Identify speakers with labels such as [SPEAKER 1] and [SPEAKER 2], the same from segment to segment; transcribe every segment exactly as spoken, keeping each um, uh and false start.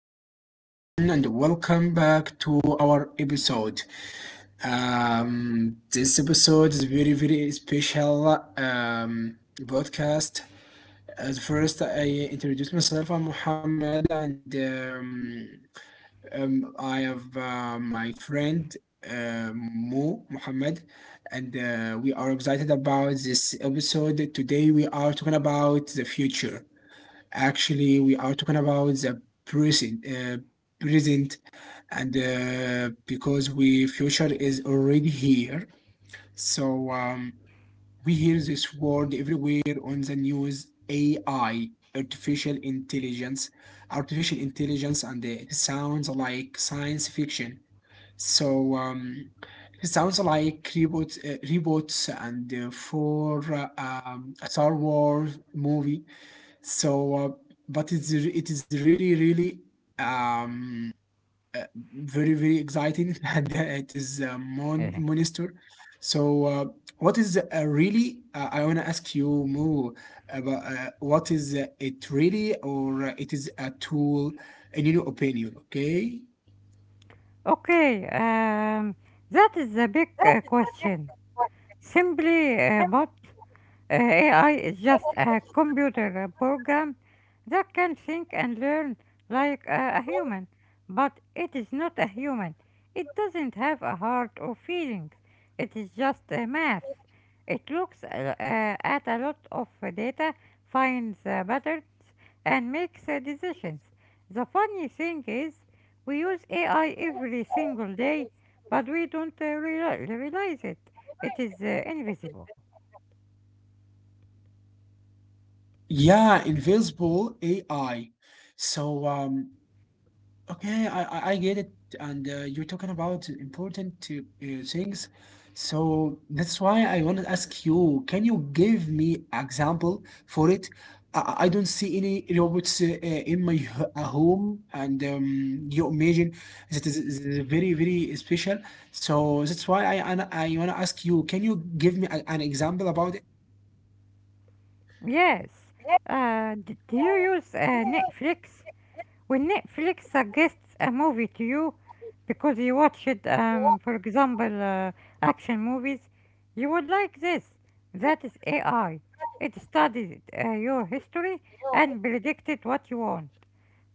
[SPEAKER 1] Hello, everyone, and welcome back to our episode. Um, this episode is very, very special um, podcast. As first, I introduce myself. I'm Muhammad, and um, um, I have uh, my friend uh, Mo Muhammad, and uh, we are excited about this episode. Today, we are talking about the future. Actually, we are talking about the present, uh, present, and uh, because we future is already here. So um, we hear this word everywhere on the news: A I, artificial intelligence, artificial intelligence, and it sounds like science fiction. So um, it sounds like robots, uh, robots, and uh, for uh, um, a Star Wars movie. So, uh, but it's re- it is really really um, uh, very very exciting, and uh, it is a mon monster. So, uh, what is uh, really? Uh, I wanna ask you more about uh, what is uh, it really, or uh, it is a tool in your opinion? Okay.
[SPEAKER 2] Okay, um, that is a big uh, question. Simply uh, put, Uh, A I is just a computer uh, program that can think and learn like uh, a human, but it is not a human. It doesn't have a heart or feelings. It is just a math. It looks uh, uh, at a lot of uh, data, finds uh, patterns, and makes uh, decisions. The funny thing is, we use A I every single day, but we don't uh, reali- realize it. It is uh, invisible.
[SPEAKER 1] Yeah, invisible A I. So, um, okay, I, I I get it, and uh, you're talking about important uh, uh, things, so that's why I want to ask you, can you give me example for it? I, I I don't see any robots uh, uh, in my h- uh, home, and um, you imagine that is, is very, very special. So that's why I, I, I want to ask you, can you give me a, an example about it?
[SPEAKER 2] Yes. Uh, d- do you use uh, Netflix? When Netflix suggests a movie to you because you watched, um, for example, uh, action movies, you would like this. That is A I. It studies uh, your history and predicted what you want.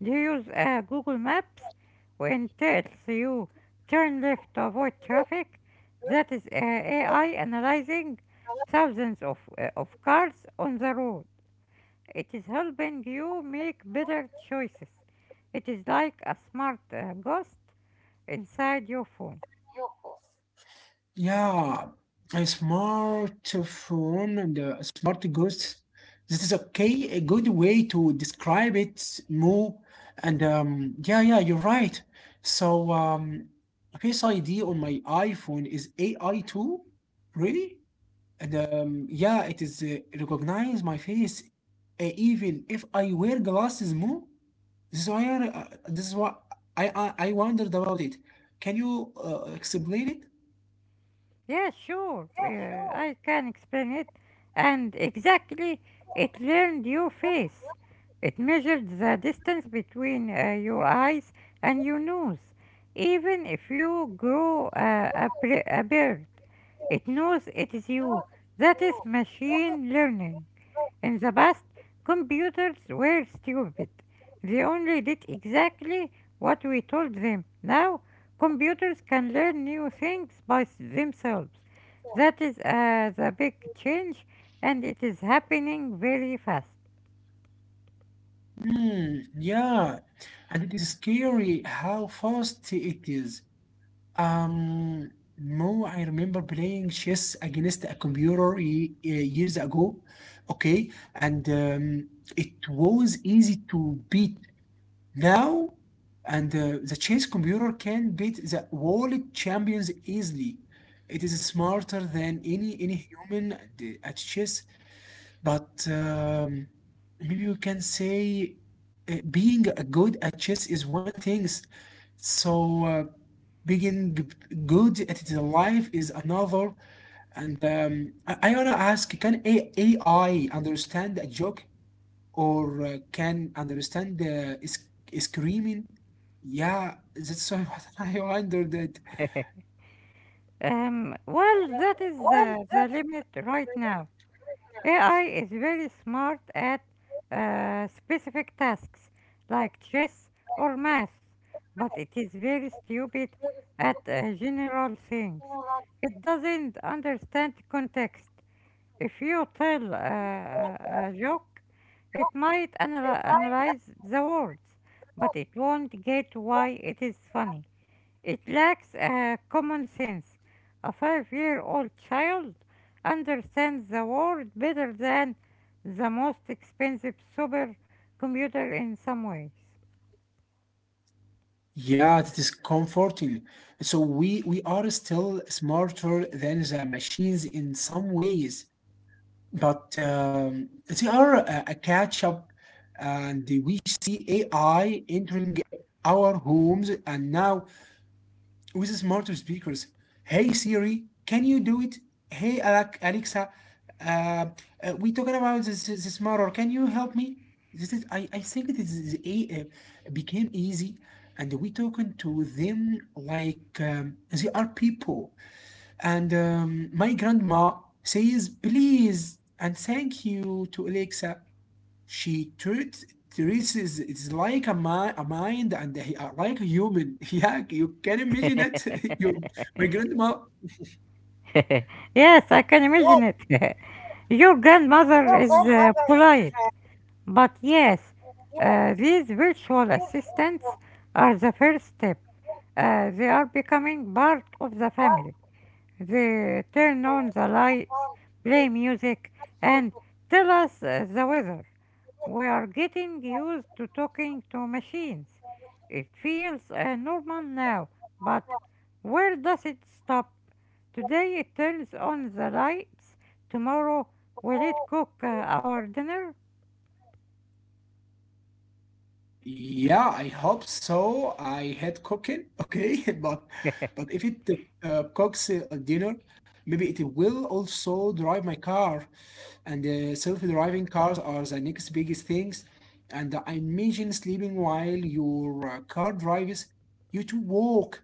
[SPEAKER 2] Do you use uh, Google Maps when it tells you turn left to avoid traffic? That is uh, A I analyzing thousands of, uh, of cars on the road. It is helping you make better choices. It is like a smart uh, ghost inside your phone.
[SPEAKER 1] Yeah, a smartphone and a smart ghost. This is okay, a good way to describe it more. And um, yeah, yeah, you're right. So um, Face I D on my iPhone is A I too, really? And um, yeah, it is uh, recognize my face uh, even if I wear glasses more. This is why I, uh, this is what I, I I wondered about it. Can you uh, explain it?
[SPEAKER 2] Yeah, sure, uh, I can explain it. And exactly, it learned your face. It measured the distance between uh, your eyes and your nose. Even if you grow uh, a, bre- a beard, it knows it is you. That is machine learning. In the past, computers were stupid. They only did exactly what we told them. Now, computers can learn new things by s- themselves. That is uh, the big change, and it is happening very fast.
[SPEAKER 1] Mm, yeah, and it is scary how fast it is. Um, Mo, I remember playing chess against a computer ye- uh, years ago, okay, and um, it was easy to beat. Now, and uh, the chess computer can beat the world champions easily. It is smarter than any any human at, the- at chess. But um, maybe we can say uh, being a good at chess is one thing. So uh, being g- good at the life is another. And um, I, I wanna ask, can A- AI understand a joke or uh, can understand uh, is- screaming? Yeah, that's why I wondered that.
[SPEAKER 2] Um, well, that is uh, the limit right now. A I is very smart at uh, specific tasks like chess or math, but it is very stupid at uh, general things. It doesn't understand context. If you tell uh, a joke, it might analy- analyze the words, but it won't get why it is funny. It lacks uh, common sense. A five year old child understands the world better than the most expensive supercomputer in some ways.
[SPEAKER 1] Yeah, that is comforting. So we we are still smarter than the machines in some ways. But um, they are a, a catch up, and we see A I entering our homes, and now with smarter speakers. Hey Siri, can you do it? Hey Alec- Alexa, uh, uh, we talking about this this this murder. Can you help me? This is I, I think this is a, uh, became easy, and we talking to them like um, they are people. And um, my grandma says please and thank you to Alexa. She treats treats is it's like a, mi- a mind and he, uh, like a human. Yeah, you can imagine it. Your my grandma
[SPEAKER 2] Yes, I can imagine it. Your grandmother is uh, polite, but yes, uh, these virtual assistants are the first step. Uh, they are becoming part of the family. They turn on the lights, play music, and tell us uh, the weather. We are getting used to talking to machines. It feels uh, normal now, but where does it stop? Today it turns on the lights. Tomorrow, will it cook uh, our dinner?
[SPEAKER 1] Yeah, I hope so. I hate cooking, okay, but but if it uh, cooks uh, a dinner, maybe it will also drive my car. And uh, self-driving cars are the next biggest things. And I imagine sleeping while your uh, car drives you to walk.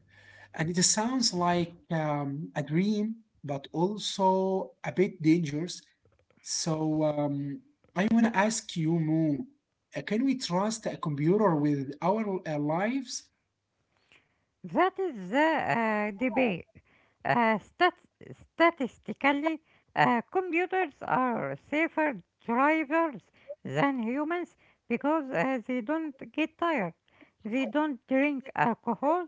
[SPEAKER 1] And it sounds like um, a dream, but also a bit dangerous. So um, I want to ask you, Mo, uh, can we trust a computer with our uh, lives?
[SPEAKER 2] That is the uh, debate. Uh, stat- statistically, uh, computers are safer drivers than humans because uh, they don't get tired, they don't drink alcohol,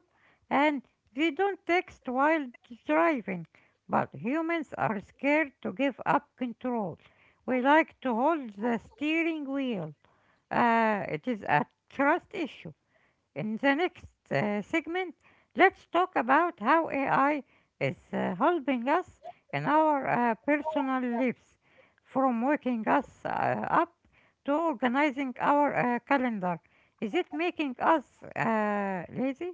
[SPEAKER 2] and they don't text while driving. But humans are scared to give up control. We like to hold the steering wheel. Uh, it is a trust issue. In the next uh, segment, let's talk about how A I is uh, helping us in our uh, personal lives, from waking us uh, up to organizing our uh, calendar. Is it making us uh, lazy?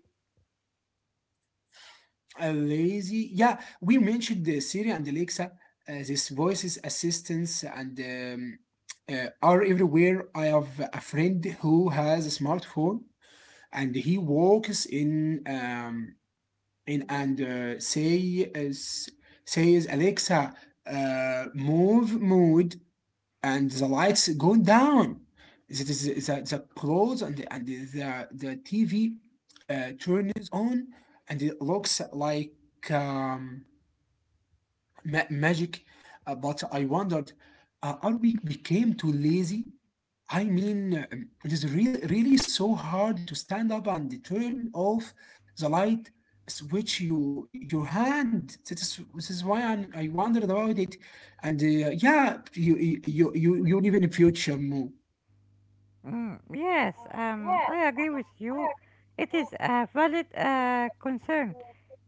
[SPEAKER 1] Uh, lazy. Yeah, we mentioned the Siri and Alexa. Uh, these voices assistants and um, uh, are everywhere. I have a friend who has a smartphone and he walks in um, in and uh, say uh, s- says Alexa, uh, move mood, and the lights going down. That is the, the, the clothes and the, and the, the T V uh, turns on and it looks like um, ma- magic. Uh, but I wondered, uh, are we became too lazy, I mean, um, it is really, really so hard to stand up and turn off the light switch you your hand. This is, this is why I'm, I wondered about it. And uh, yeah, you you you you you live in a future move.
[SPEAKER 2] Mm, yes, um, I agree with you. It is a valid uh, concern.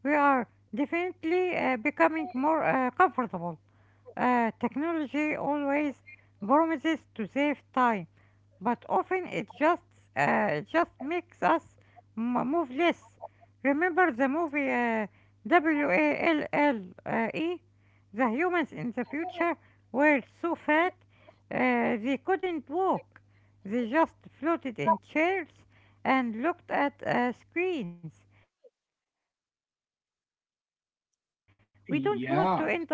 [SPEAKER 2] We are definitely uh, becoming more uh, comfortable. Uh, technology always promises to save time, but often it just uh, just makes us m- move less. Remember the movie uh, W A L L uh, E? The humans in the future were so fat uh, they couldn't walk. They just floated in chairs and looked at uh, screens. We don't want to end up like that, but for some people,
[SPEAKER 1] Yeah,
[SPEAKER 2] this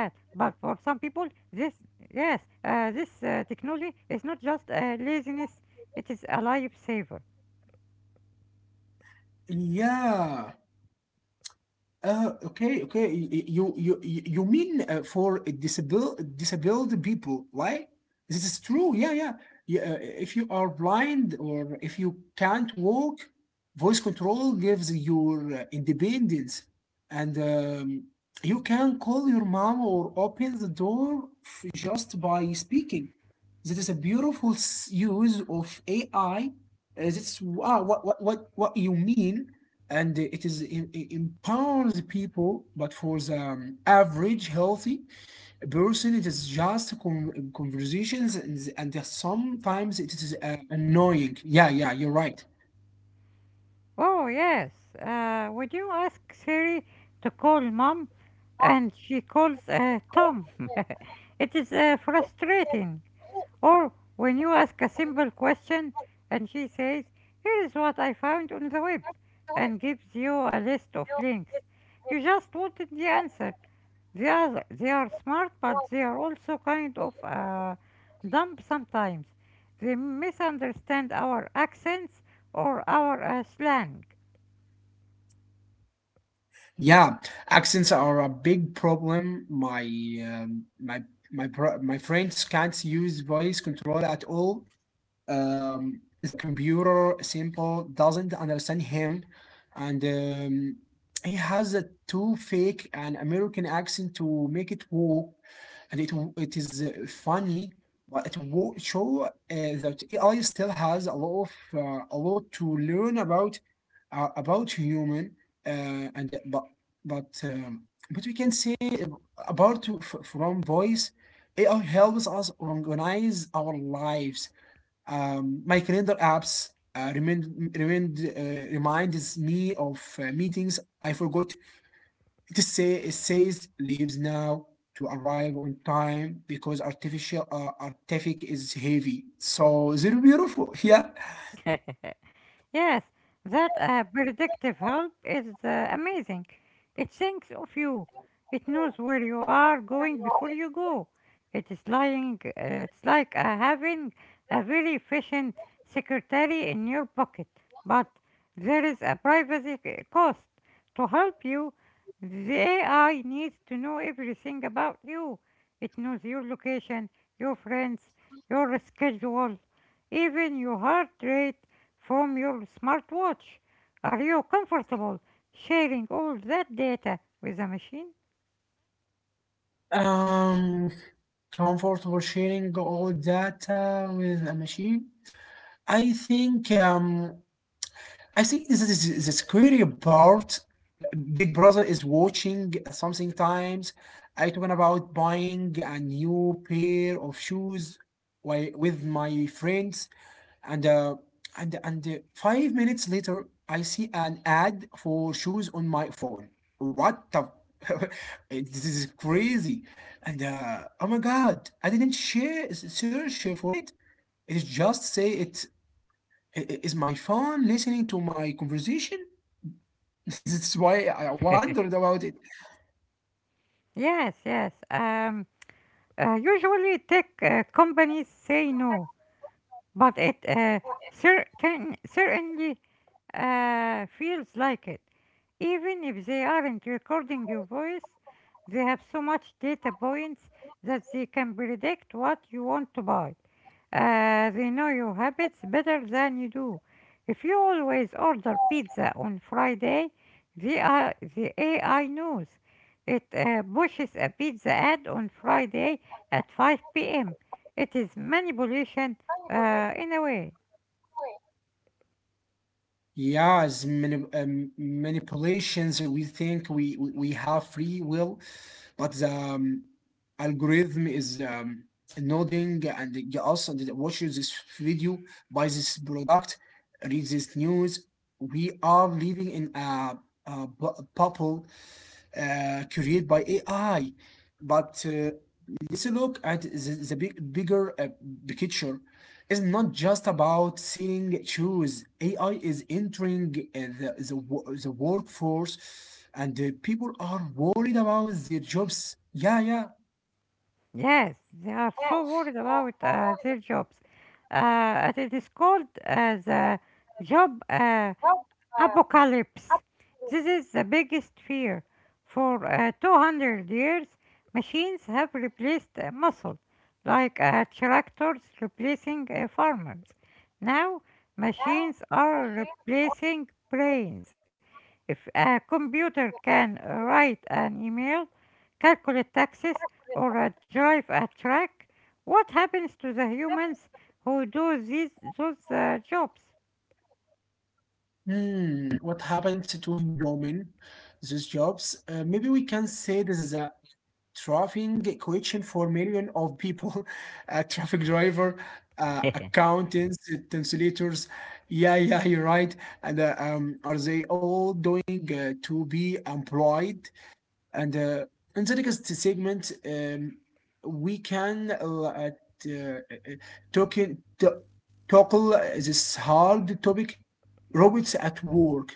[SPEAKER 2] yes, uh, this uh, technology is not just uh, laziness, it is a lifesaver.
[SPEAKER 1] yeah. Uh, okay, okay. y- You you you you mean uh, for disabled disabled people, right? This is true. Yeah, yeah. yeah uh, if you are blind or if you can't walk, voice control gives your uh, independence, and um, you can call your mom or open the door f- just by speaking. That is a beautiful s- use of A I. Uh, That's wow, what what what what you mean, and it is it, it empowers people, but for the um, average healthy person it is just con- conversations, and, and sometimes it is uh, annoying, yeah, yeah, you're right.
[SPEAKER 2] Oh, yes. Uh, when you ask Siri to call mom and she calls uh, Tom, it is uh, frustrating. Or when you ask a simple question and she says, "Here is what I found on the web," and gives you a list of links. You just wanted the answer. They are, they are smart, but they are also kind of uh, dumb sometimes. They misunderstand our accents or our uh, slang.
[SPEAKER 1] Yeah, accents are a big problem. My um, my my bro- my friends can't use voice control at all. Um, the computer simple doesn't understand him, and um, he has a too fake an American accent to make it work. And it it is uh, funny, but it will show uh, that A I still has a lot of uh, a lot to learn about uh, about human. Uh, and uh, but but um, but we can say ab- apart to- f- from voice, A I helps us organize our lives. Um, my calendar apps uh, remind, remind, uh, reminds me of uh, meetings I forgot. It, say, it says leaves now to arrive on time because artificial uh, artifact is heavy. So they're beautiful. Yeah.
[SPEAKER 2] Yes, that uh, predictive help is uh, amazing. It thinks of you. It knows where you are going before you go. It is lying. Uh, it's like uh, having a very efficient secretary in your pocket. But there is a privacy c- cost. To help you, the A I needs to know everything about you. It knows your location, your friends, your schedule, even your heart rate from your smartwatch. Are you comfortable sharing all that data with a machine?
[SPEAKER 1] Um, Comfortable sharing all data with a machine. I think um, I think this is the scary part. Big Brother is watching something times. I talking about buying a new pair of shoes wi- with my friends, and uh, and and uh, five minutes later, I see an ad for shoes on my phone. What the? It- this is crazy, and uh, oh my God, I didn't share search for it. It just say it i- i- is my phone listening to my conversation. That's why I wondered about it.
[SPEAKER 2] Yes, yes. Um, uh, Usually tech uh, companies say no, but it uh, cer- can certainly Uh, feels like it. Even if they aren't recording your voice, they have so much data points that they can predict what you want to buy. Uh, they know your habits better than you do. If you always order pizza on Friday, the, uh, the A I knows. It uh, pushes a pizza ad on Friday at five p m. It is manipulation uh, in a way.
[SPEAKER 1] Yeah, as many um, manipulations, we think we, we we have free will, but the um, algorithm is um, nodding, and it also us watches this video, buys this product, reads this news. We are living in a, a bu- bubble uh, created by A I. But uh, let's look at the, the big, bigger uh, picture. It's not just about selling shoes. A I is entering uh, the, the, the workforce, and uh, people are worried about their jobs. Yeah, yeah.
[SPEAKER 2] Yes, they are so worried about uh, their jobs. Uh, it is called uh, the job uh, apocalypse. This is the biggest fear. For uh, two hundred years, machines have replaced uh, muscle, like uh, tractors replacing uh, farmers. Now, machines are replacing brains. If a computer can uh, write an email, calculate taxes, or uh, drive a truck, what happens to the humans who do these those uh, jobs?
[SPEAKER 1] Hmm, what happened to human? These jobs? Uh, maybe we can say this is a trafficking question for million of people, uh, traffic driver, uh, accountants, translators, yeah, yeah, you're right. And uh, um, are they all doing uh, to be employed, and uh, in the next segment, um, we can uh, at, uh, uh, talking to, tackle this hard topic. Robots at work,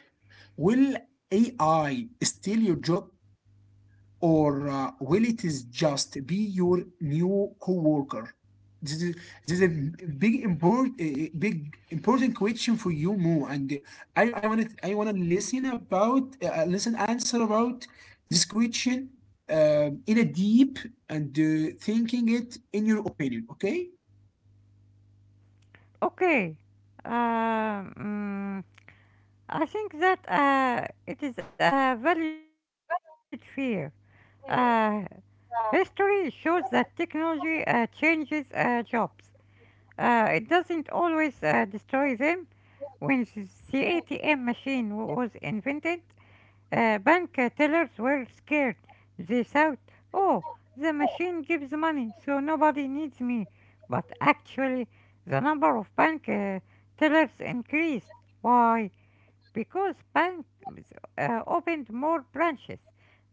[SPEAKER 1] will A I steal your job, or uh, will it is just be your new coworker? This is, this is a big import, a big important question for you, Mo. And I I want to I want to listen about uh, listen answer about this question, um, in a deep and uh, thinking it in your opinion. Okay?
[SPEAKER 2] Okay. Uh, mm, I think that uh, it is a valid fear. Uh, History shows that technology uh, changes uh, jobs. Uh, it doesn't always uh, destroy them. When the A T M machine wa- was invented, Uh, bank uh, tellers were scared. They thought, oh, the machine gives money, so nobody needs me. But actually, the number of bank uh, tellers increased. Why? Because banks uh, opened more branches.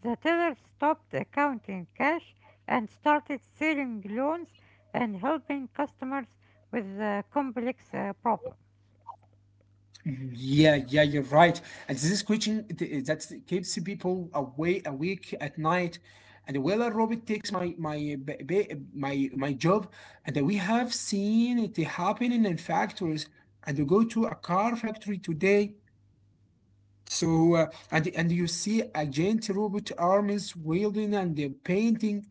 [SPEAKER 2] The tellers stopped uh, counting cash and started selling loans and helping customers with uh, complex uh, problems.
[SPEAKER 1] Yeah, yeah, you're right. And this is question th- that keeps people away awake at night. And Willa Robert takes my my b- b- my my job, and we have seen it happening in factories. And you go to a car factory today, so uh, and and you see a giant robot arms wielding and uh, painting.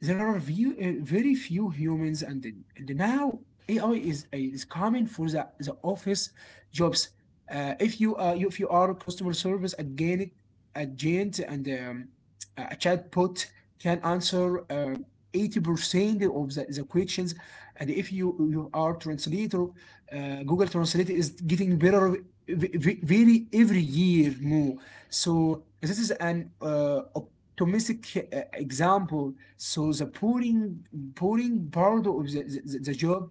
[SPEAKER 1] There are few, uh, very few humans, and, and now A I is eh, is coming for the, the office jobs. Uh, if you uh, if you are customer service again agent, and um, a chatbot can answer uh, eighty percent of the, the questions, and if you you are translator, uh, Google translate is getting better very every year more, so this is an uh, domestic uh, example. So the pouring pouring part of the, the, the job,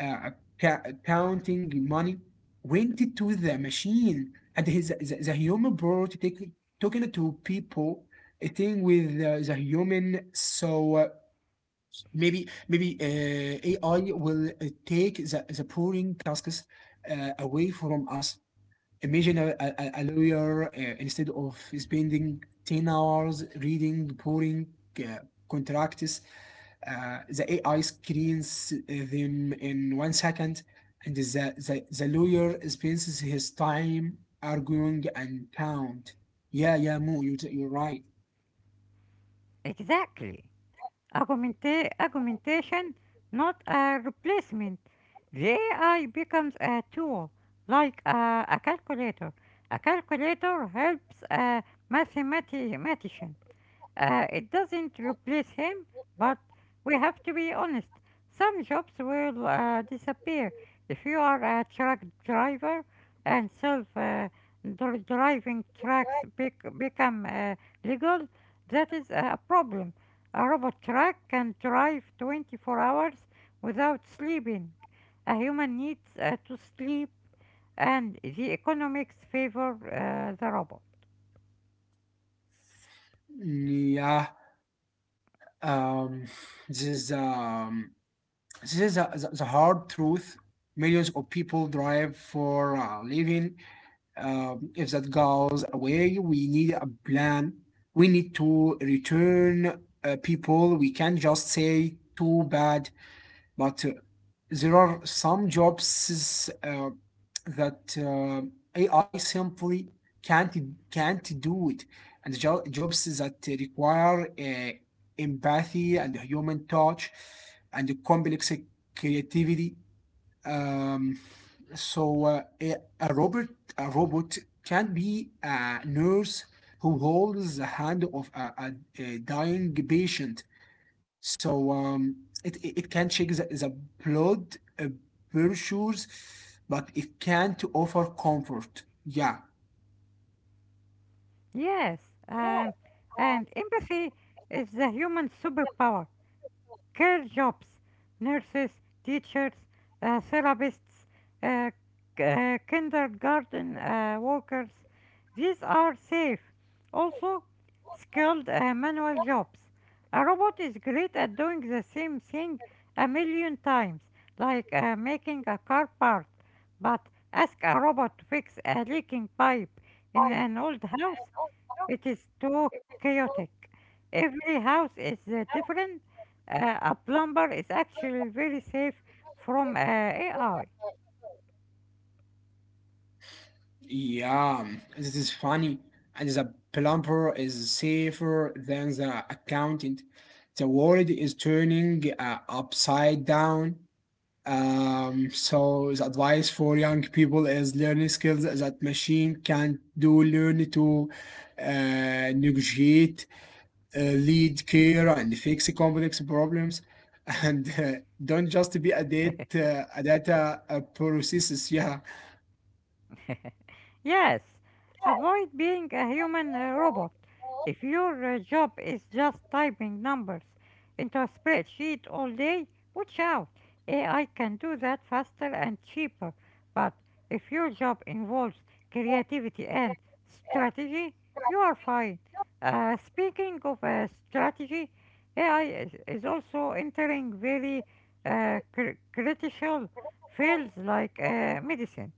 [SPEAKER 1] uh, ca- counting money, went to the machine, and his, the, the human part take, talking to people. A thing with uh, the human, so uh, maybe maybe uh, A I will uh, take the, the pouring tasks uh, away from us. Imagine a, a, a lawyer uh, instead of spending 10 hours reading pouring uh, contracts, uh, the A I screens uh, them in one second, and the, the, the lawyer spends his time arguing and count. Yeah, yeah, Mo, you, you're right.
[SPEAKER 2] Exactly. Augmenta- augmentation, not a replacement. The A I becomes a tool, like a, a calculator. A calculator helps a mathematician, uh, it doesn't replace him, but we have to be honest. Some jobs will uh, disappear. If you are a truck driver and self uh, dri- driving trucks bec- become uh, legal, that is a problem. A robot truck can drive twenty-four hours without sleeping. A human needs uh, to sleep, and the economics favor uh, the robot.
[SPEAKER 1] Yeah, um, this is um, this is the, the the hard truth. Millions of people drive for a living, Um, if that goes away, we need a plan. We need to return uh, people. We can't just say too bad, but uh, there are some jobs uh, that uh, A I simply can't can't do it, and jo- jobs that require uh, empathy and human touch and complex creativity. Um, so uh, a, a robot a robot can be a nurse who holds the hand of a, a- a dying patient. So um, it, it it can check the, the blood uh, pressures, but it can't offer comfort. Yeah.
[SPEAKER 2] Yes, um, and empathy is the human superpower. Care jobs, nurses, teachers, uh, therapists, uh, k- uh, kindergarten uh, workers, these are safe. Also, skilled uh, manual jobs. A robot is great at doing the same thing a million times, like uh, making a car part. But ask a robot to fix a leaking pipe in an old house, it is too chaotic. Every house is uh, different. Uh, a plumber is actually very safe from uh, A I.
[SPEAKER 1] Yeah, um, this is funny. And the plumber is safer than the accountant. The world is turning uh, upside down. Um, so the advice for young people is learning skills that machine can't do. Learn to uh, negotiate, uh, lead, care, and fix complex problems. And uh, don't just be a data, a data uh, processes. Yeah.
[SPEAKER 2] Yes, avoid being a human uh, robot. If your uh, job is just typing numbers into a spreadsheet all day, watch out. A I can do that faster and cheaper. But if your job involves creativity and strategy, you are fine. Uh, speaking of uh, strategy, A I is, is also entering very uh, cr- critical fields like uh, medicine.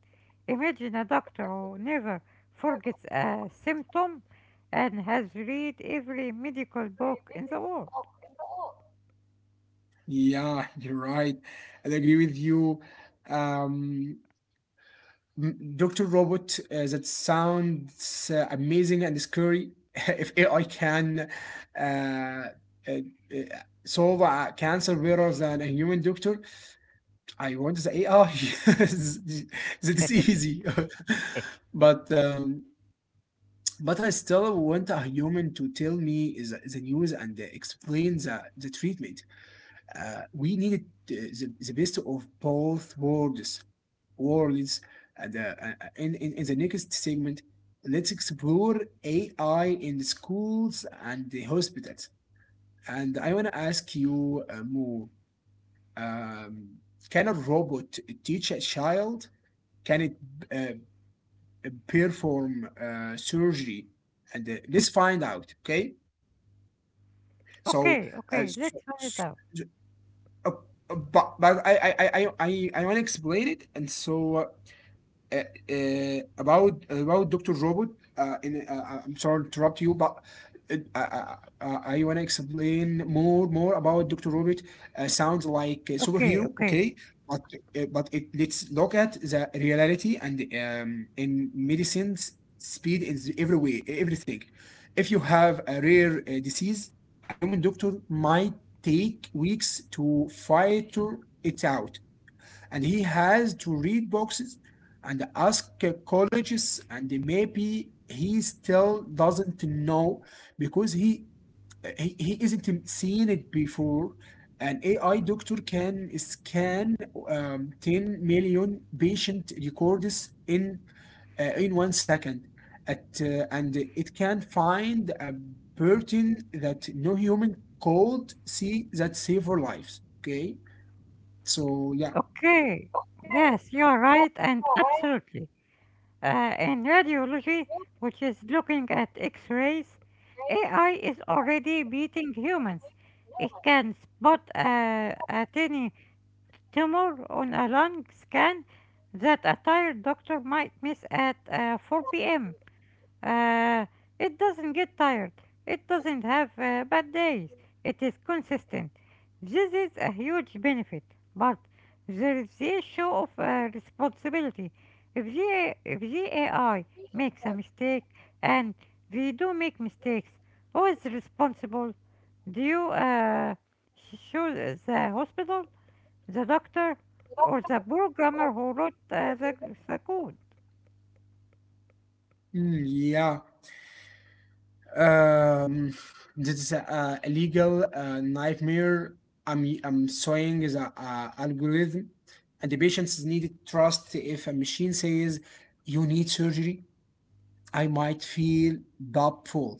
[SPEAKER 2] Imagine a doctor who never forgets a symptom and has read every medical book in the world.
[SPEAKER 1] Yeah, you're right. I agree with you. Um, Doctor Robot, uh, that sounds uh, amazing and scary. If A I can uh, uh, uh, solve a cancer better than a human doctor, I want the A I. That is easy. but um, but I still want a human to tell me the, the news and explain the, the treatment. Uh, we need uh, the, the best of both worlds words. And, uh, the, uh, uh, in, in, in the next segment, let's explore A I in the schools and the hospitals. And I want to ask you, uh, Mo, um, can a robot teach a child? Can it uh, perform uh, surgery? And uh, let's find out, okay? So,
[SPEAKER 2] Okay,
[SPEAKER 1] uh,
[SPEAKER 2] okay,
[SPEAKER 1] so,
[SPEAKER 2] let's find it
[SPEAKER 1] so-
[SPEAKER 2] out.
[SPEAKER 1] uh, uh, but, but I, I, I, I, I want to explain it. And so uh, uh, about about Doctor Robot. Uh, in, uh, I'm sorry to interrupt you, but uh, I, I, I want to explain more more about Doctor Robot. Uh, sounds like a superhero,
[SPEAKER 2] Okay, okay,
[SPEAKER 1] okay? But uh, but it, let's look at the reality and um, in medicines, speed in every way, everything. If you have a rare uh, disease, a human doctor might take weeks to fight to it out, and he has to read boxes and ask uh, colleges, and maybe he still doesn't know because he he, he isn't seen it before. An ai doctor can scan um, ten million patient records in uh, in one second at, uh, and it can find a pattern that no human could see that save our lives. Okay, so yeah.
[SPEAKER 2] okay. Yes, you are right, and absolutely. Uh, in radiology, which is looking at X rays, A I is already beating humans. It can spot a, a tiny tumor on a lung scan that a tired doctor might miss at uh, four p m. Uh, it doesn't get tired. It doesn't have uh, bad days. It is consistent. This is a huge benefit, but there is the issue of uh, responsibility. If the, if the A I makes a mistake, and we do make mistakes, who is responsible? Do you uh, sh- sue the hospital? The doctor or the programmer who wrote uh, the, the code.
[SPEAKER 1] Mm, yeah. Um, this is a, a legal uh, nightmare. I'm I'm saying is a, a algorithm, and the patients needed trust. If a machine says you need surgery, I might feel doubtful.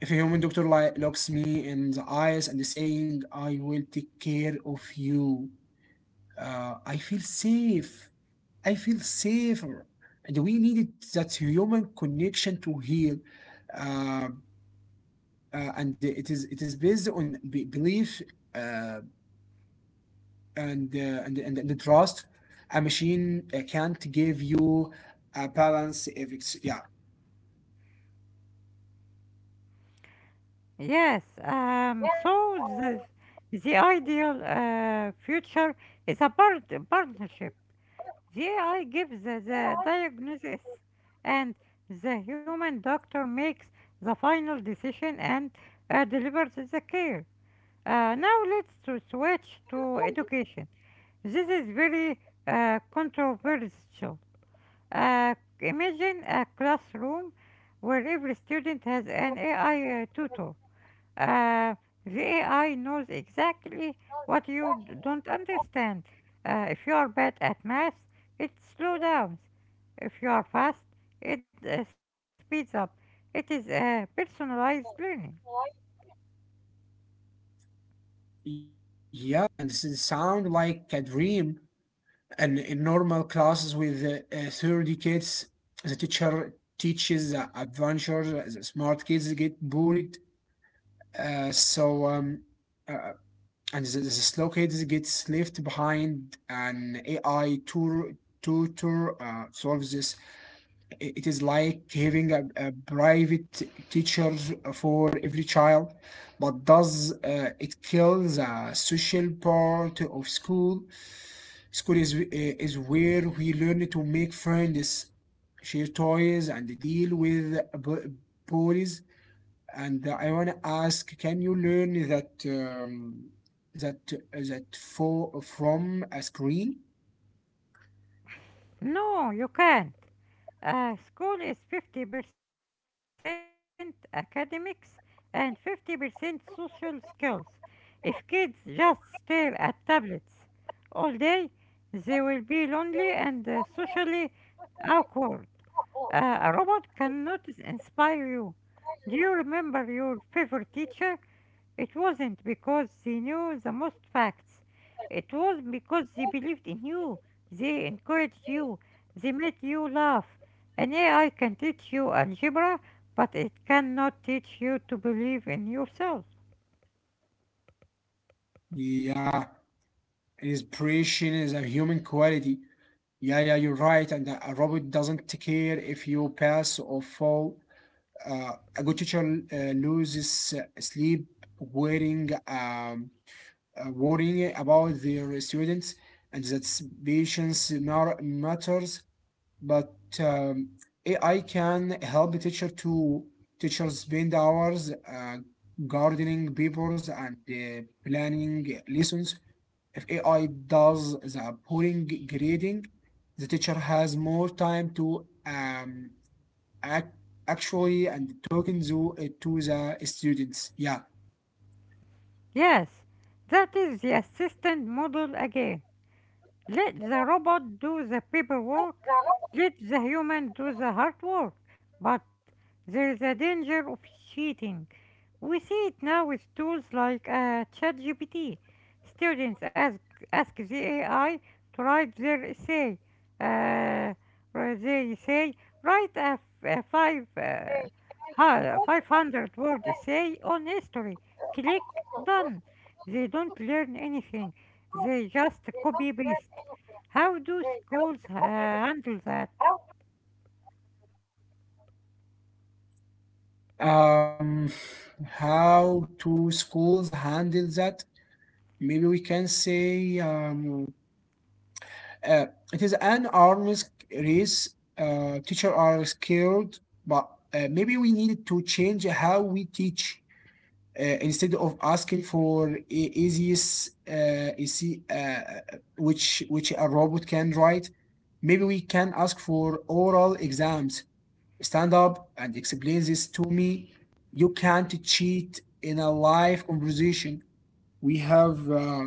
[SPEAKER 1] If a human doctor li- looks me in the eyes and is saying I will take care of you, uh, I feel safe. I feel safer, and we needed that human connection to heal. Um, uh, and it is it is based on be- belief uh, and, uh, and and and trust. A machine uh, can't give you a balance if it's yeah.
[SPEAKER 2] Yes, um, so the, the ideal uh, future is a part, partnership. The A I gives the, the diagnosis, and the human doctor makes the final decision and uh, delivers the care. Uh, now let's to switch to education. This is very uh, controversial. Uh, Imagine a classroom where every student has an A I uh, tutor. Uh, the A I knows exactly what you d- don't understand. Uh, if you are bad at math, it slows down. If you are fast, it uh, speeds up. It is uh, personalized learning.
[SPEAKER 1] Yeah, and this is sound like a dream. And in normal classes with uh, uh, thirty kids, the teacher teaches uh, adventure. The smart kids get bored. Uh, so um, uh, and the, the slow kids gets left behind. An A I tour tutor uh, solves this. I- It is like having a, a private teacher for every child, but does uh, it kill the social part of school? School is uh, is where we learn to make friends, share toys, and deal with bu- bullies. And I want to ask, can you learn that um, that uh, that for from a screen?
[SPEAKER 2] No, you can't. Uh, school is fifty percent academics and fifty percent social skills. If kids just stare at tablets all day, they will be lonely and uh, socially awkward. Uh, a robot cannot inspire you. Do you remember your favorite teacher? It wasn't because they knew the most facts. It was because they believed in you. They encouraged you. They made you laugh. An A I can teach you algebra, but it cannot teach you to believe in yourself.
[SPEAKER 1] Yeah, inspiration is a human quality. Yeah, yeah, you're right. And a a robot doesn't care if you pass or fall. uh, a good teacher uh, loses sleep worrying um, uh, worrying about their students, and that patience mar- matters. But um, A I can help the teacher. To teachers spend hours uh, gardening papers and uh, planning lessons. If A I does the boring grading, the teacher has more time to um, ac- actually and talking to, uh, to the students. Yeah.
[SPEAKER 2] Yes, that is the assistant model again. Let the robot do the paperwork. Let the human do the hard work. But there is a danger of cheating. We see it now with tools like uh, ChatGPT. Students ask, ask the A I to write their essay. Uh, where they say, write a, f- a five, uh, ha- five hundred word essay on history. Click done. They don't learn anything, they just copy paste. How do schools uh, handle that?
[SPEAKER 1] Um, how do schools handle that? Maybe we can say um, uh, it is an arms race. Uh, teachers are scared, but uh, maybe we need to change how we teach. Uh, instead of asking for e- easiest, uh, easy, uh, which which a robot can write, maybe we can ask for oral exams. Stand up and explain this to me. You can't cheat in a live conversation. We have uh,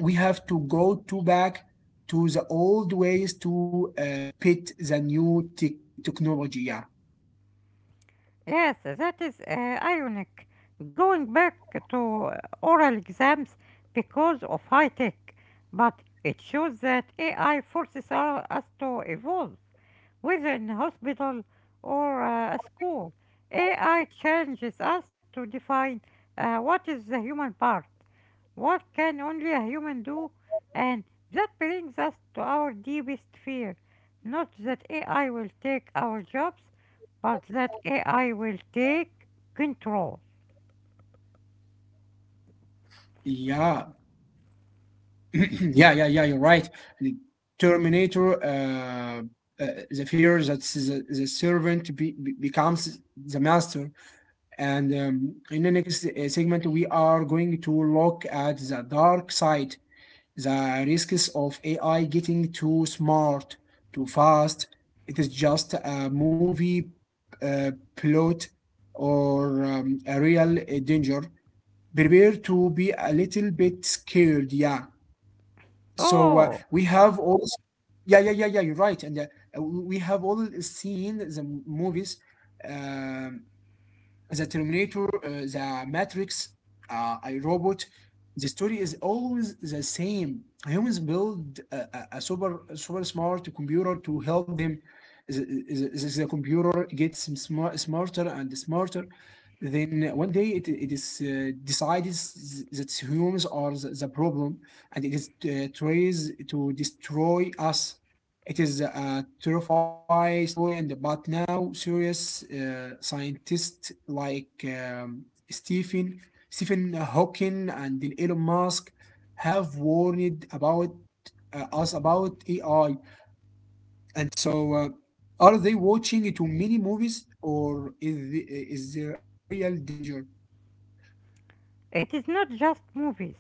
[SPEAKER 1] we have to go to back to the old ways to uh, pit the new tech technology. Yeah.
[SPEAKER 2] Yes, that is uh, ironic. Going back to uh, oral exams because of high tech, but it shows that A I forces our, us to evolve, whether in hospital or uh, school. A I challenges us to define uh, what is the human part. What can only a human do? And that brings us to our deepest fear. Not that A I will take our jobs, but that A I will take control.
[SPEAKER 1] Yeah, yeah, yeah, yeah. You're right. The Terminator. Uh, uh, the fear that the, the servant be, be- becomes the master. And um, in the next uh, segment, we are going to look at the dark side. The risks of A I getting too smart, too fast. It is just a movie uh, plot or um, a real uh, danger. Prepare to be a little bit scared. Yeah. So uh,
[SPEAKER 2] Oh,
[SPEAKER 1] we have all. Yeah, yeah, yeah, yeah. You're right. And uh, we have all seen the movies. um the Terminator, uh, The Matrix, uh, I Robot. The story is always the same. Humans build a, a, a super a super smart computer to help them. The, the, the computer gets smart, smarter and smarter. Then one day it, it is uh, decided that humans are the, the problem, and it is uh, tries to destroy us. It is a terrifying story, and but now serious uh, scientists like um, Stephen Stephen Hawking and Elon Musk have warned about uh, us about A I, and so, uh, are they watching too many movies, or is the, is there a real danger?
[SPEAKER 2] it is not just movies.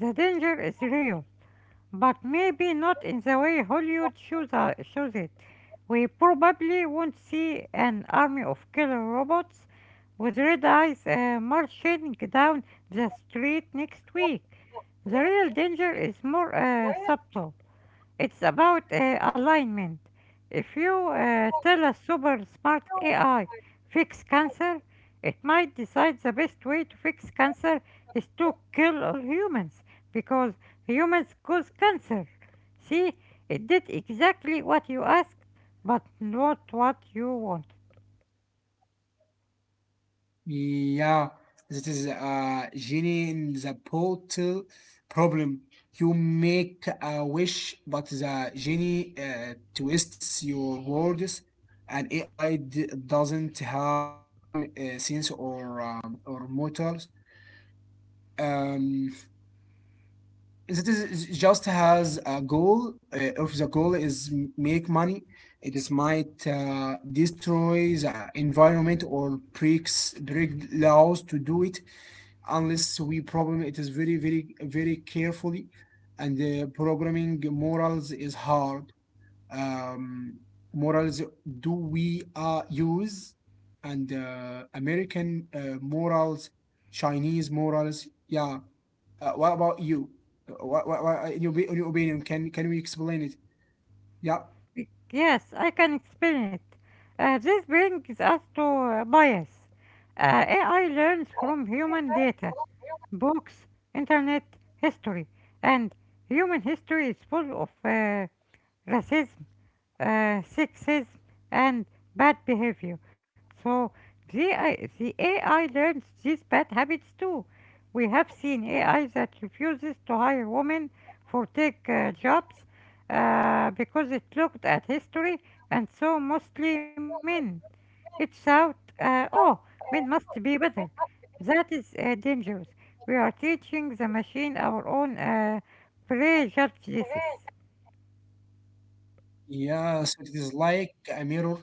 [SPEAKER 2] The danger is real, but maybe not in the way Hollywood shows, uh, shows it. We probably won't see an army of killer robots with red eyes uh, marching down the street next week. The real danger is more uh, subtle. It's about uh, alignment. If you uh, tell a super smart A I fix cancer, it might decide the best way to fix cancer is to kill all humans because humans cause cancer. See, it did exactly what you asked, but not what you want.
[SPEAKER 1] Yeah, it is a genie in the bottle problem. You make a wish, but the genie uh, twists your words, and A I doesn't have common uh, sense or um, or mortals. Um, it is is just has a goal. Uh, if the goal is m- make money, it is might uh, destroy the environment or breaks break laws to do it, unless we program it is very very very carefully. And uh, programming morals is hard. um, Morals, do we uh, use and uh, american uh, morals, chinese morals? Yeah. Uh, what about you? Uh, what, what, what, in, your, in your opinion, can can we explain it? Yeah.
[SPEAKER 2] Yes, I can explain it. Uh, this brings us to uh, bias. Uh, A I learns from human data, books, internet, history, and human history is full of uh, racism, uh, sexism, and bad behavior. So the, I- the A I learns these bad habits too. We have seen A I that refuses to hire women for tech uh, jobs uh, because it looked at history and saw mostly men. It thought, uh, "Oh, men must be better." That is uh, dangerous. We are teaching the machine our own uh, prejudges.
[SPEAKER 1] Yeah, so it is like a mirror.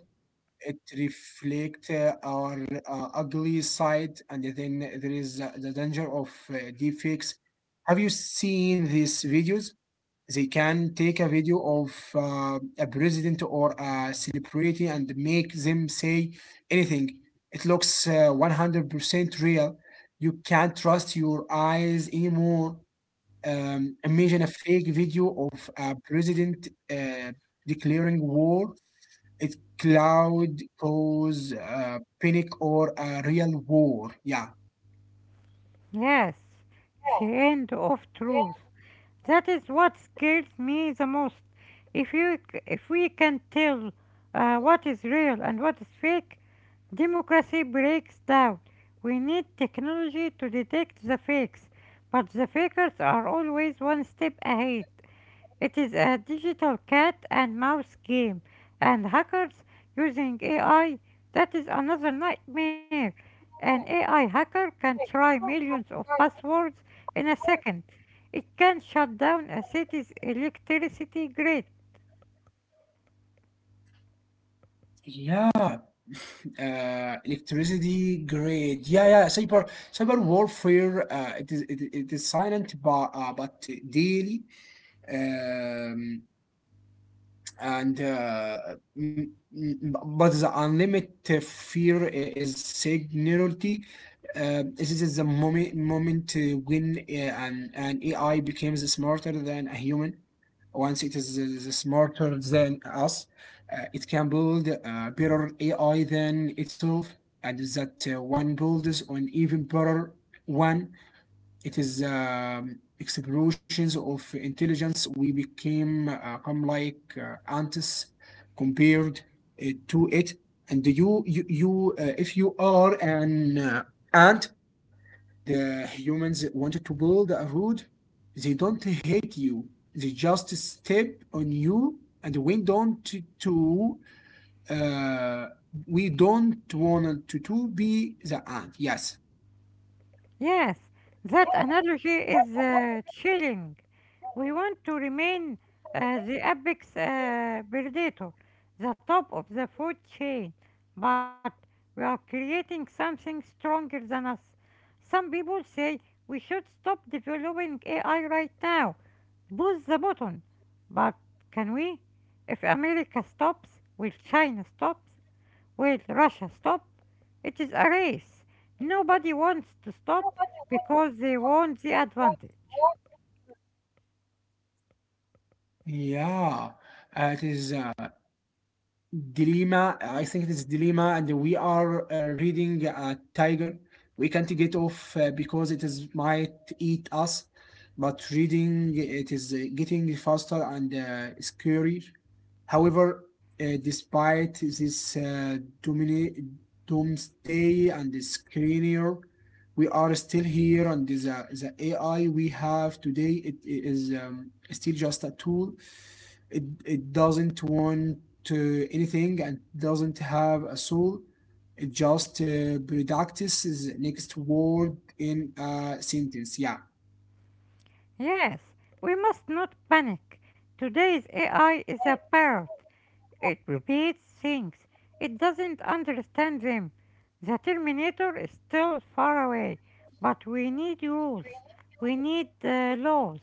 [SPEAKER 1] It reflect uh, our uh, ugly side. And then there is uh, the danger of uh, deepfakes. Have you seen these videos? They can take a video of uh, a president or a celebrity and make them say anything. It looks uh, one hundred percent real. You can't trust your eyes anymore. Um, imagine a fake video of a president uh, declaring war. It's cloud cause uh, panic or a real war. Yeah.
[SPEAKER 2] Yes, the end of truth. That is what scares me the most. If you, c- if we can tell uh, what is real and what is fake, democracy breaks down. We need technology to detect the fakes, but the fakers are always one step ahead. It is a digital cat and mouse game, and hackers using A I, that is another nightmare. An A I hacker can try millions of passwords in a second. It can shut down a city's electricity grid.
[SPEAKER 1] Yeah. Uh, electricity grid. Yeah, yeah. Cyber cyber warfare. Uh, it is it, it, is silent, but uh, but daily. Um, and uh, m- m- but the unlimited fear i- is singularity. Uh, this is the moment moment uh, when uh, an, an A I becomes smarter than a human. Once it is, is smarter than us, uh, it can build uh, better A I than itself, and that uh, one builds on even better one. It is um, explosions of intelligence. We became uh, come like uh, ants compared uh, to it. And you, you, you uh, if you are an uh, ant, and uh, humans wanted to build a road, they don't hate you. They just step on you, and we don't to uh, we don't want to, to be the ant. Yes.
[SPEAKER 2] Yes, that analogy is uh, chilling. We want to remain uh, the apex uh, predator, the top of the food chain, but we are creating something stronger than us. Some people say we should stop developing A I right now, push the button. But can we? If America stops, will China stop? Will Russia stop? It is a race. Nobody wants to stop because they want the advantage.
[SPEAKER 1] Yeah, uh, it is. Uh, dilemma. I think this dilemma, and we are uh, reading a tiger. We can't get off uh, because it is might eat us. But reading it is uh, getting faster and uh, scarier. However, uh, despite this uh, domini- doomsday and the screener, we are still here, and the, the A I we have today it, it is um, still just a tool. It, it doesn't want to anything and doesn't have a soul. It just uh, practices next word in a sentence. Yeah.
[SPEAKER 2] Yes, we must not panic. Today's A I is a parrot. It repeats things. It doesn't understand them. The Terminator is still far away, but we need rules. We need uh, laws.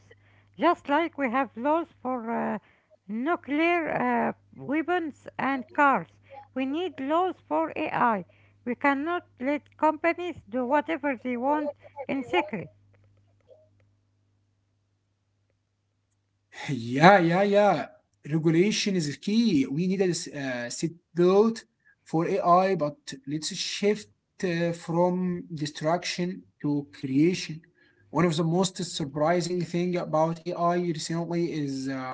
[SPEAKER 2] Just like we have laws for uh, nuclear uh, weapons and cars, we need laws for A I. We cannot let companies do whatever they want in secret.
[SPEAKER 1] Yeah, yeah, yeah. Regulation is key. We need a s- uh, seatbelt for A I. But let's shift uh, from destruction to creation. One of the most surprising thing about A I recently is uh,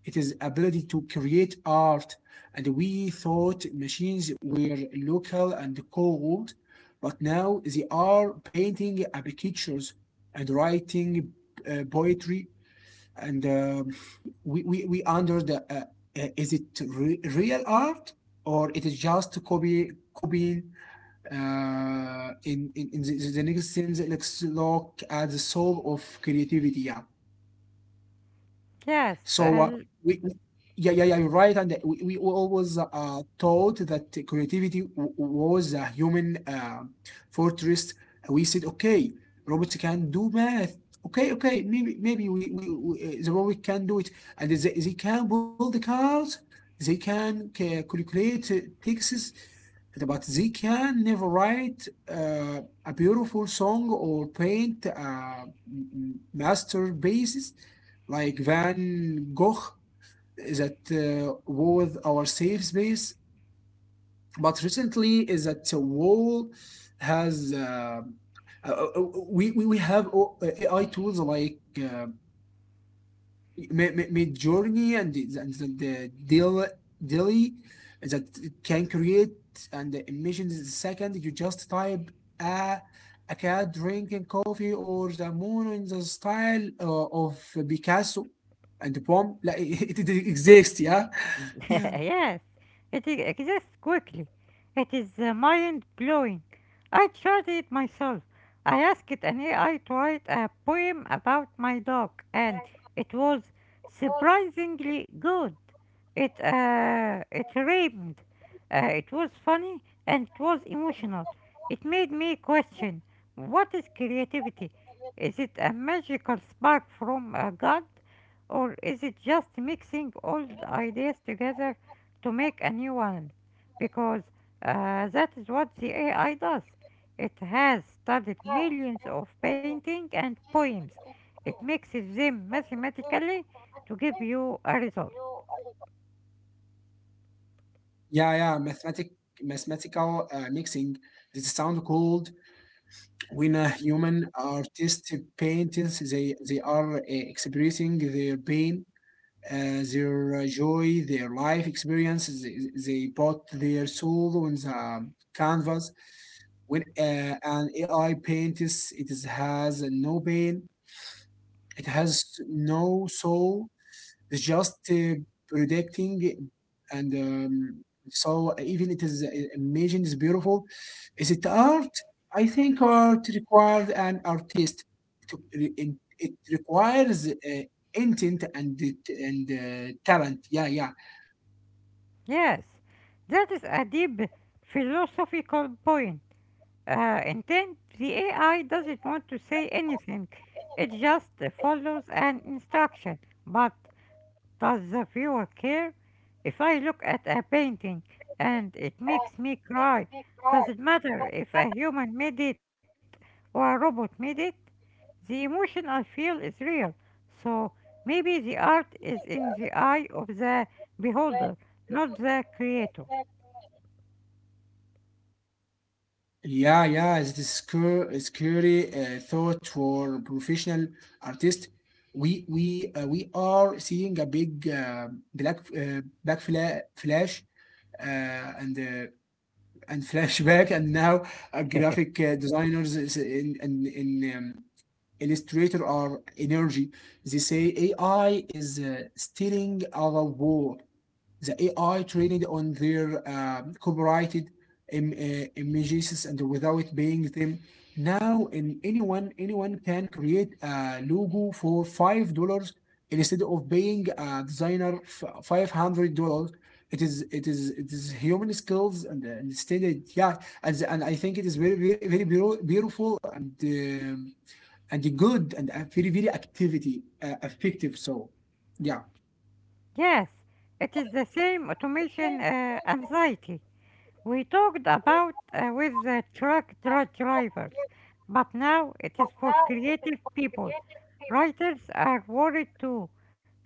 [SPEAKER 1] it is ability to create art. And we thought machines were local and cold, but now they are painting uh, pictures and writing uh, poetry, and um, we, we we under the uh, uh, is it re- real art or it is just copy copying uh, in in, in the, the next sense, let's look at the soul of creativity. Yeah.
[SPEAKER 2] Yes,
[SPEAKER 1] so
[SPEAKER 2] uh,
[SPEAKER 1] uh, we, we- yeah, yeah, yeah, you're right. And we, we were always uh, taught that creativity w- was a human uh, fortress. We said, okay, robots can do math. Okay, okay, maybe maybe we, we, we uh, the robot can do it, and they, they can build the cars. They can ca- calculate uh, texts but they can never write uh, a beautiful song or paint uh, m- m- masterpieces like Van Gogh. That uh, was our safe space, but recently is that the wall has uh, uh, uh, we, we we have o- A I tools like uh, Mi- Mi- Midjourney and the, and the, the daily that can create and the emissions in the second. You just type a a cat drinking coffee or the moon in the style uh, of Picasso and the poem like it, it exists, yeah. Yeah.
[SPEAKER 2] yes, it e- exists quickly. It is uh, mind blowing. I tried it myself. I asked an A I to write a poem about my dog, and it was surprisingly good. It uh, it rhymed. Uh, it was funny and it was emotional. It made me question: What is creativity? Is it a magical spark from uh, God? Or is it just mixing old ideas together to make a new one? Because uh, that is what the A I does. It has studied millions of paintings and poems. It mixes them mathematically to give you a result.
[SPEAKER 1] Yeah, yeah, mathematic mathematical uh, mixing, this sound called, when a human artist paints they they are uh, expressing their pain, uh, their uh, joy, their life experiences. They, they put their soul on the canvas. When uh, an A I paints, it is, has no pain. It has no soul. It's just uh, predicting, and um, so even it is uh, imagine is beautiful. Is it art? I think art requires an artist. To, re- it requires uh, intent and it- and uh, talent. Yeah, yeah.
[SPEAKER 2] Yes, that is a deep philosophical point. Uh, intent, the A I doesn't want to say anything. It just follows an instruction. But does the viewer care? If I look at a painting and it makes me cry, does it matter if a human made it or a robot made it? The emotion I feel is real, so maybe the art is in the eye of the beholder, not the creator.
[SPEAKER 1] Yeah, yeah, this is scary, scary uh, thought for professional artists. We we uh, we are seeing a big uh, black uh, back fla flash uh, and uh, and flashback, and now uh, graphic uh, designers is in in, in um, Illustrator are energy. They say A I is uh, stealing our work. The A I trained on their um, copyrighted im- uh, images and without paying them. Now, in anyone anyone can create a logo for five dollars instead of paying a designer five hundred dollars. It is it is it is human skills and, uh, and standard, yeah, and and I think it is very very very beautiful and um, and good and very very activity uh, effective. So, yeah.
[SPEAKER 2] Yes, it is the same automation uh, anxiety. We talked about uh, with the truck dri- drivers, but now it is for creative people. Writers are worried too.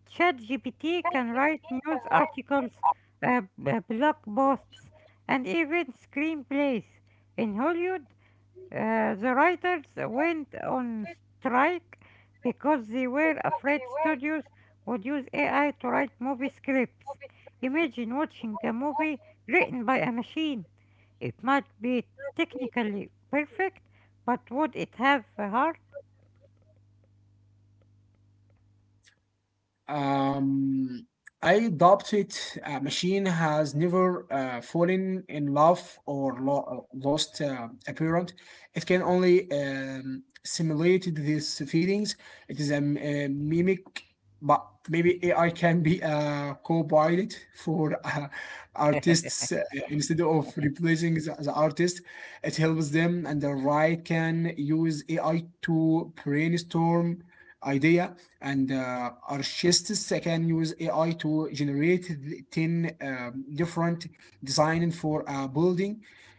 [SPEAKER 2] ChatGPT can write news articles, uh, b- uh, blog posts, and even screenplays. In Hollywood, uh, the writers went on strike because they were afraid studios would use A I to write movie scripts. Imagine watching a movie written by a machine. It might be technically perfect, but would it have a heart?
[SPEAKER 1] Um, I adopted a machine has never uh, fallen in love or lo- lost uh, a parent. It can only um, simulate these feelings. It is a, m- a mimic, but maybe A I can be a co-pilot for uh, artists uh, instead of replacing the, the artist. It helps them, and the right can use A I to brainstorm idea, and uh, Archistes can use A I to generate ten um, different design for a building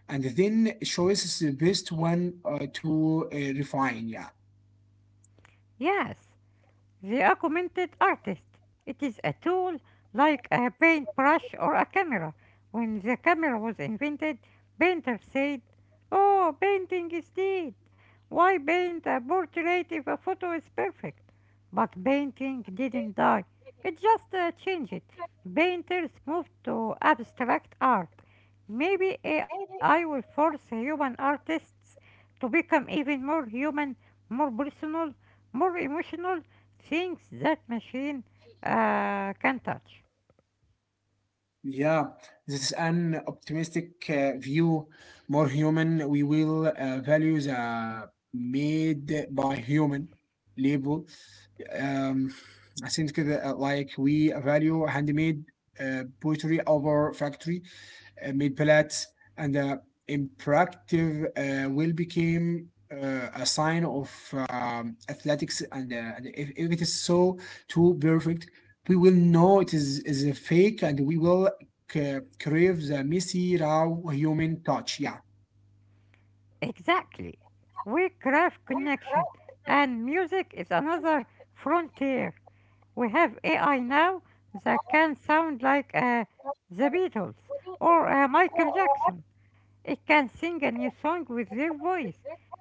[SPEAKER 1] and then choose the best one uh, to uh, refine. Yeah.
[SPEAKER 2] Yes. The augmented artist. It is a tool like a paintbrush or a camera. When the camera was invented, painters said, oh, painting is dead. Why paint a portrait if a photo is perfect? But painting didn't die. It just uh, changed. Painters moved to abstract art. Maybe A I will force human artists to become even more human, more personal, more emotional, things that machine uh, can touch.
[SPEAKER 1] Yeah, this is an optimistic uh, view, more human. We will uh, value the made by human label. Um, I think that, uh, like we value handmade uh, poetry over factory uh, made pellets, and uh, impractive uh, will became uh, a sign of um, athletics. And, uh, and if, if it is so too perfect, we will know it is, is a fake, and we will c- crave the messy, raw human touch. Yeah.
[SPEAKER 2] Exactly. We craft connection, and music is another frontier. We have A I now that can sound like uh, the Beatles or uh, Michael Jackson. It can sing a new song with their voice.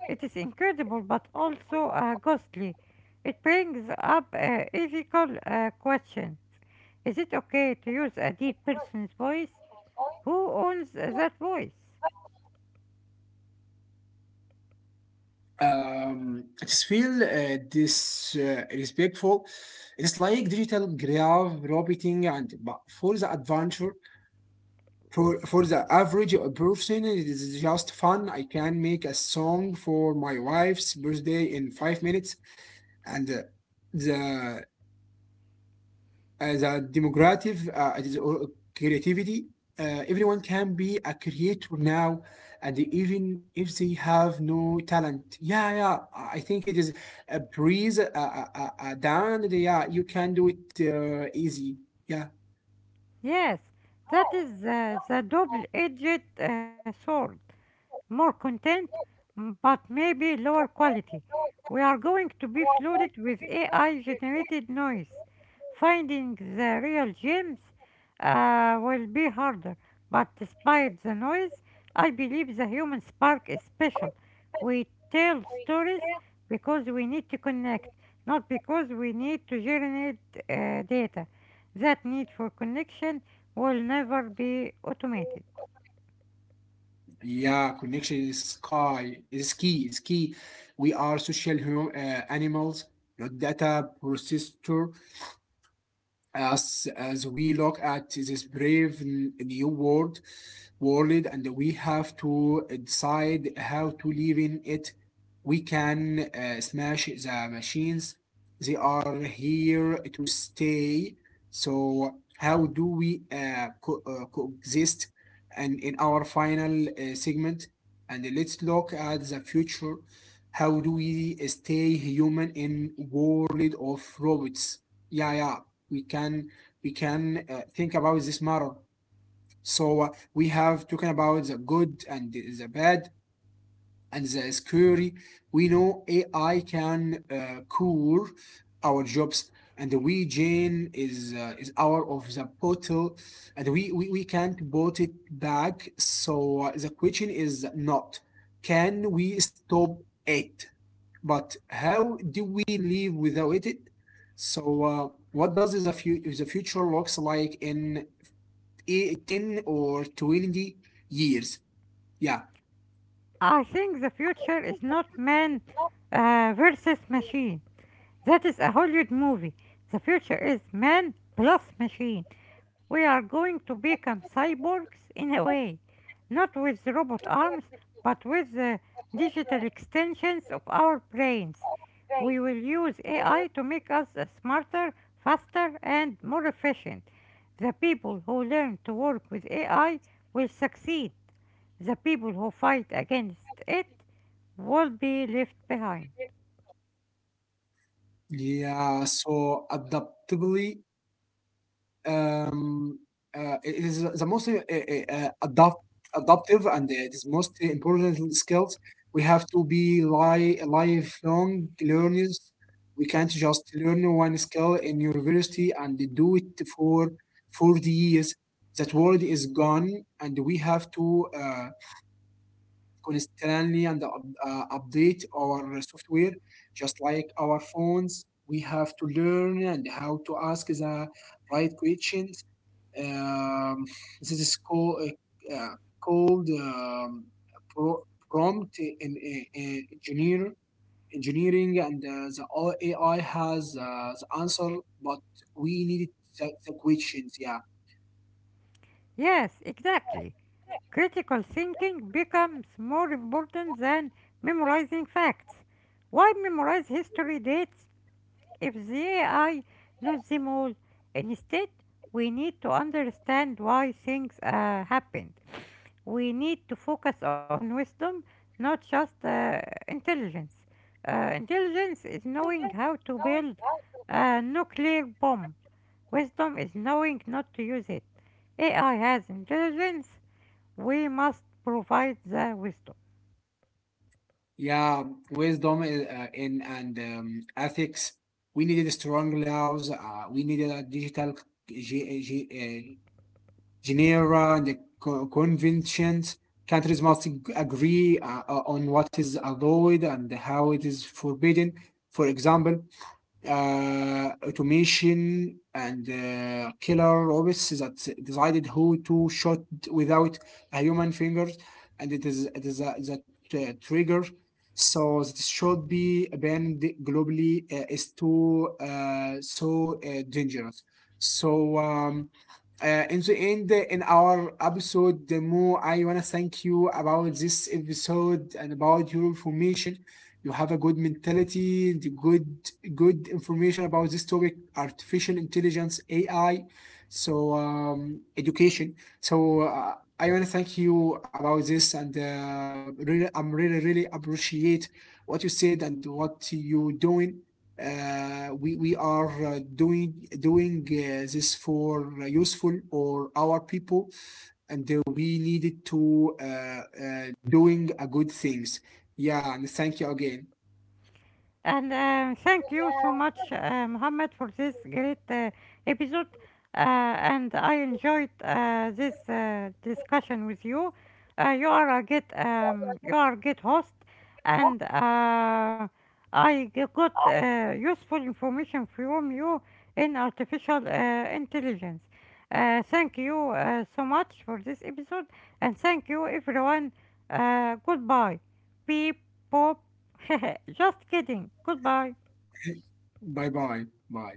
[SPEAKER 2] It is incredible but also uh, ghostly. It brings up an ethical uh, question. Is it okay to use a dead person's voice? Who owns uh, that voice?
[SPEAKER 1] um, it is feel uh, this uh, respectful. It's like digital graph roboting and but for the adventure. For for the average person, it is just fun. I can make a song for my wife's birthday in five minutes, and uh, the uh, the democratic uh, it is all creativity. Uh, everyone can be a creator now, and even if they have no talent, yeah, yeah, I think it is a breeze, uh, uh, uh, uh, down. Yeah, you can do it uh, easy. Yeah.
[SPEAKER 2] Yes, that is uh, the double-edged uh, sword. More content, m- but maybe lower quality. We are going to be flooded with A I generated noise. Finding the real gems uh, will be harder, but despite the noise, I believe the human spark is special. We tell stories because we need to connect, not because we need to generate uh, data. That need for connection will never be automated.
[SPEAKER 1] Yeah, connection is sky is key. Is key. We are social hum- uh, animals, not data processor. As as we look at this brave new world world, and we have to decide how to live in it. We can uh, smash the machines. They are here to stay, so how do we uh, co- uh, coexist? And in our final uh, segment, and let's look at the future. How do we stay human in world of robots? Yeah, yeah. We can we can uh, think about this matter. So uh, we have talking about the good and the bad and the scary. We know A I can uh, cure our jobs, and we Jane is uh, is out of the bottle, and we, we we can't put it back. So uh, the question is not, can we stop it? But how do we live without it? So, uh, what does the, fu- the future looks like in e- ten or twenty years? Yeah,
[SPEAKER 2] I think the future is not man uh, versus machine. That is a Hollywood movie. The future is man plus machine. We are going to become cyborgs in a way, not with robot arms, but with the digital extensions of our brains. We will use A I to make us uh, smarter, faster, and more efficient. The people who learn to work with A I will succeed. The people who fight against it will be left behind.
[SPEAKER 1] yeah. So, adaptability. Um, uh, it is the most uh, uh, adopt, adoptive and uh, it is most important skills. We have to be li- lifelong learners. We can't just learn one skill in university and do it for forty years. That world is gone, and we have to uh, constantly and up- uh, update our software, just like our phones. We have to learn and how to ask the right questions. um, this is called, uh, uh, called um, pro- prompt in, in, in engineer, engineering, and uh, the O- A I has uh, the answer, but we needed the, the questions. Yeah,
[SPEAKER 2] Yes, exactly. Critical thinking becomes more important than memorizing facts. Why memorize history dates if they I knows them all. Instead, we need to understand why things uh, happened. We need to focus on wisdom, not just uh, intelligence. Uh, intelligence is knowing how to build a nuclear bomb. Wisdom is knowing not to use it. A I has intelligence. We must provide the wisdom.
[SPEAKER 1] yeah. Wisdom is, uh, in and um, ethics. We needed strong laws. Uh, we needed a digital G, G, uh, Genera and the co- conventions. Countries must agree uh, uh, on what is allowed and how it is forbidden. For example, uh, automation and uh, killer robots that decided who to shoot without a human fingers, and it is it is a, that uh, trigger. So it should be banned globally. Uh, is too uh, so uh, dangerous. So um, uh, in the end, uh, in our episode, Mo, I wanna thank you about this episode and about your information. You have a good mentality, the good good information about this topic, artificial intelligence, A I. So um, education. So uh, I want to thank you about this, and uh, really I'm really really appreciate what you said and what you doing. Uh, we, we are uh, doing doing uh, this for uh, useful or our people, and uh, we needed to uh, uh, doing a good things. Yeah, and thank you again.
[SPEAKER 2] And um, Thank you so much, uh, Mohammed, for this great uh, episode. Uh, and I enjoyed uh, this uh, discussion with you. Uh, you are a good, um, you are a good host, and uh, I g- got uh, useful information from you in artificial uh, intelligence. Uh, thank you uh, so much for this episode, and thank you, everyone. Uh, goodbye. Beep, pop. Just kidding. Goodbye.
[SPEAKER 1] Bye bye. Bye.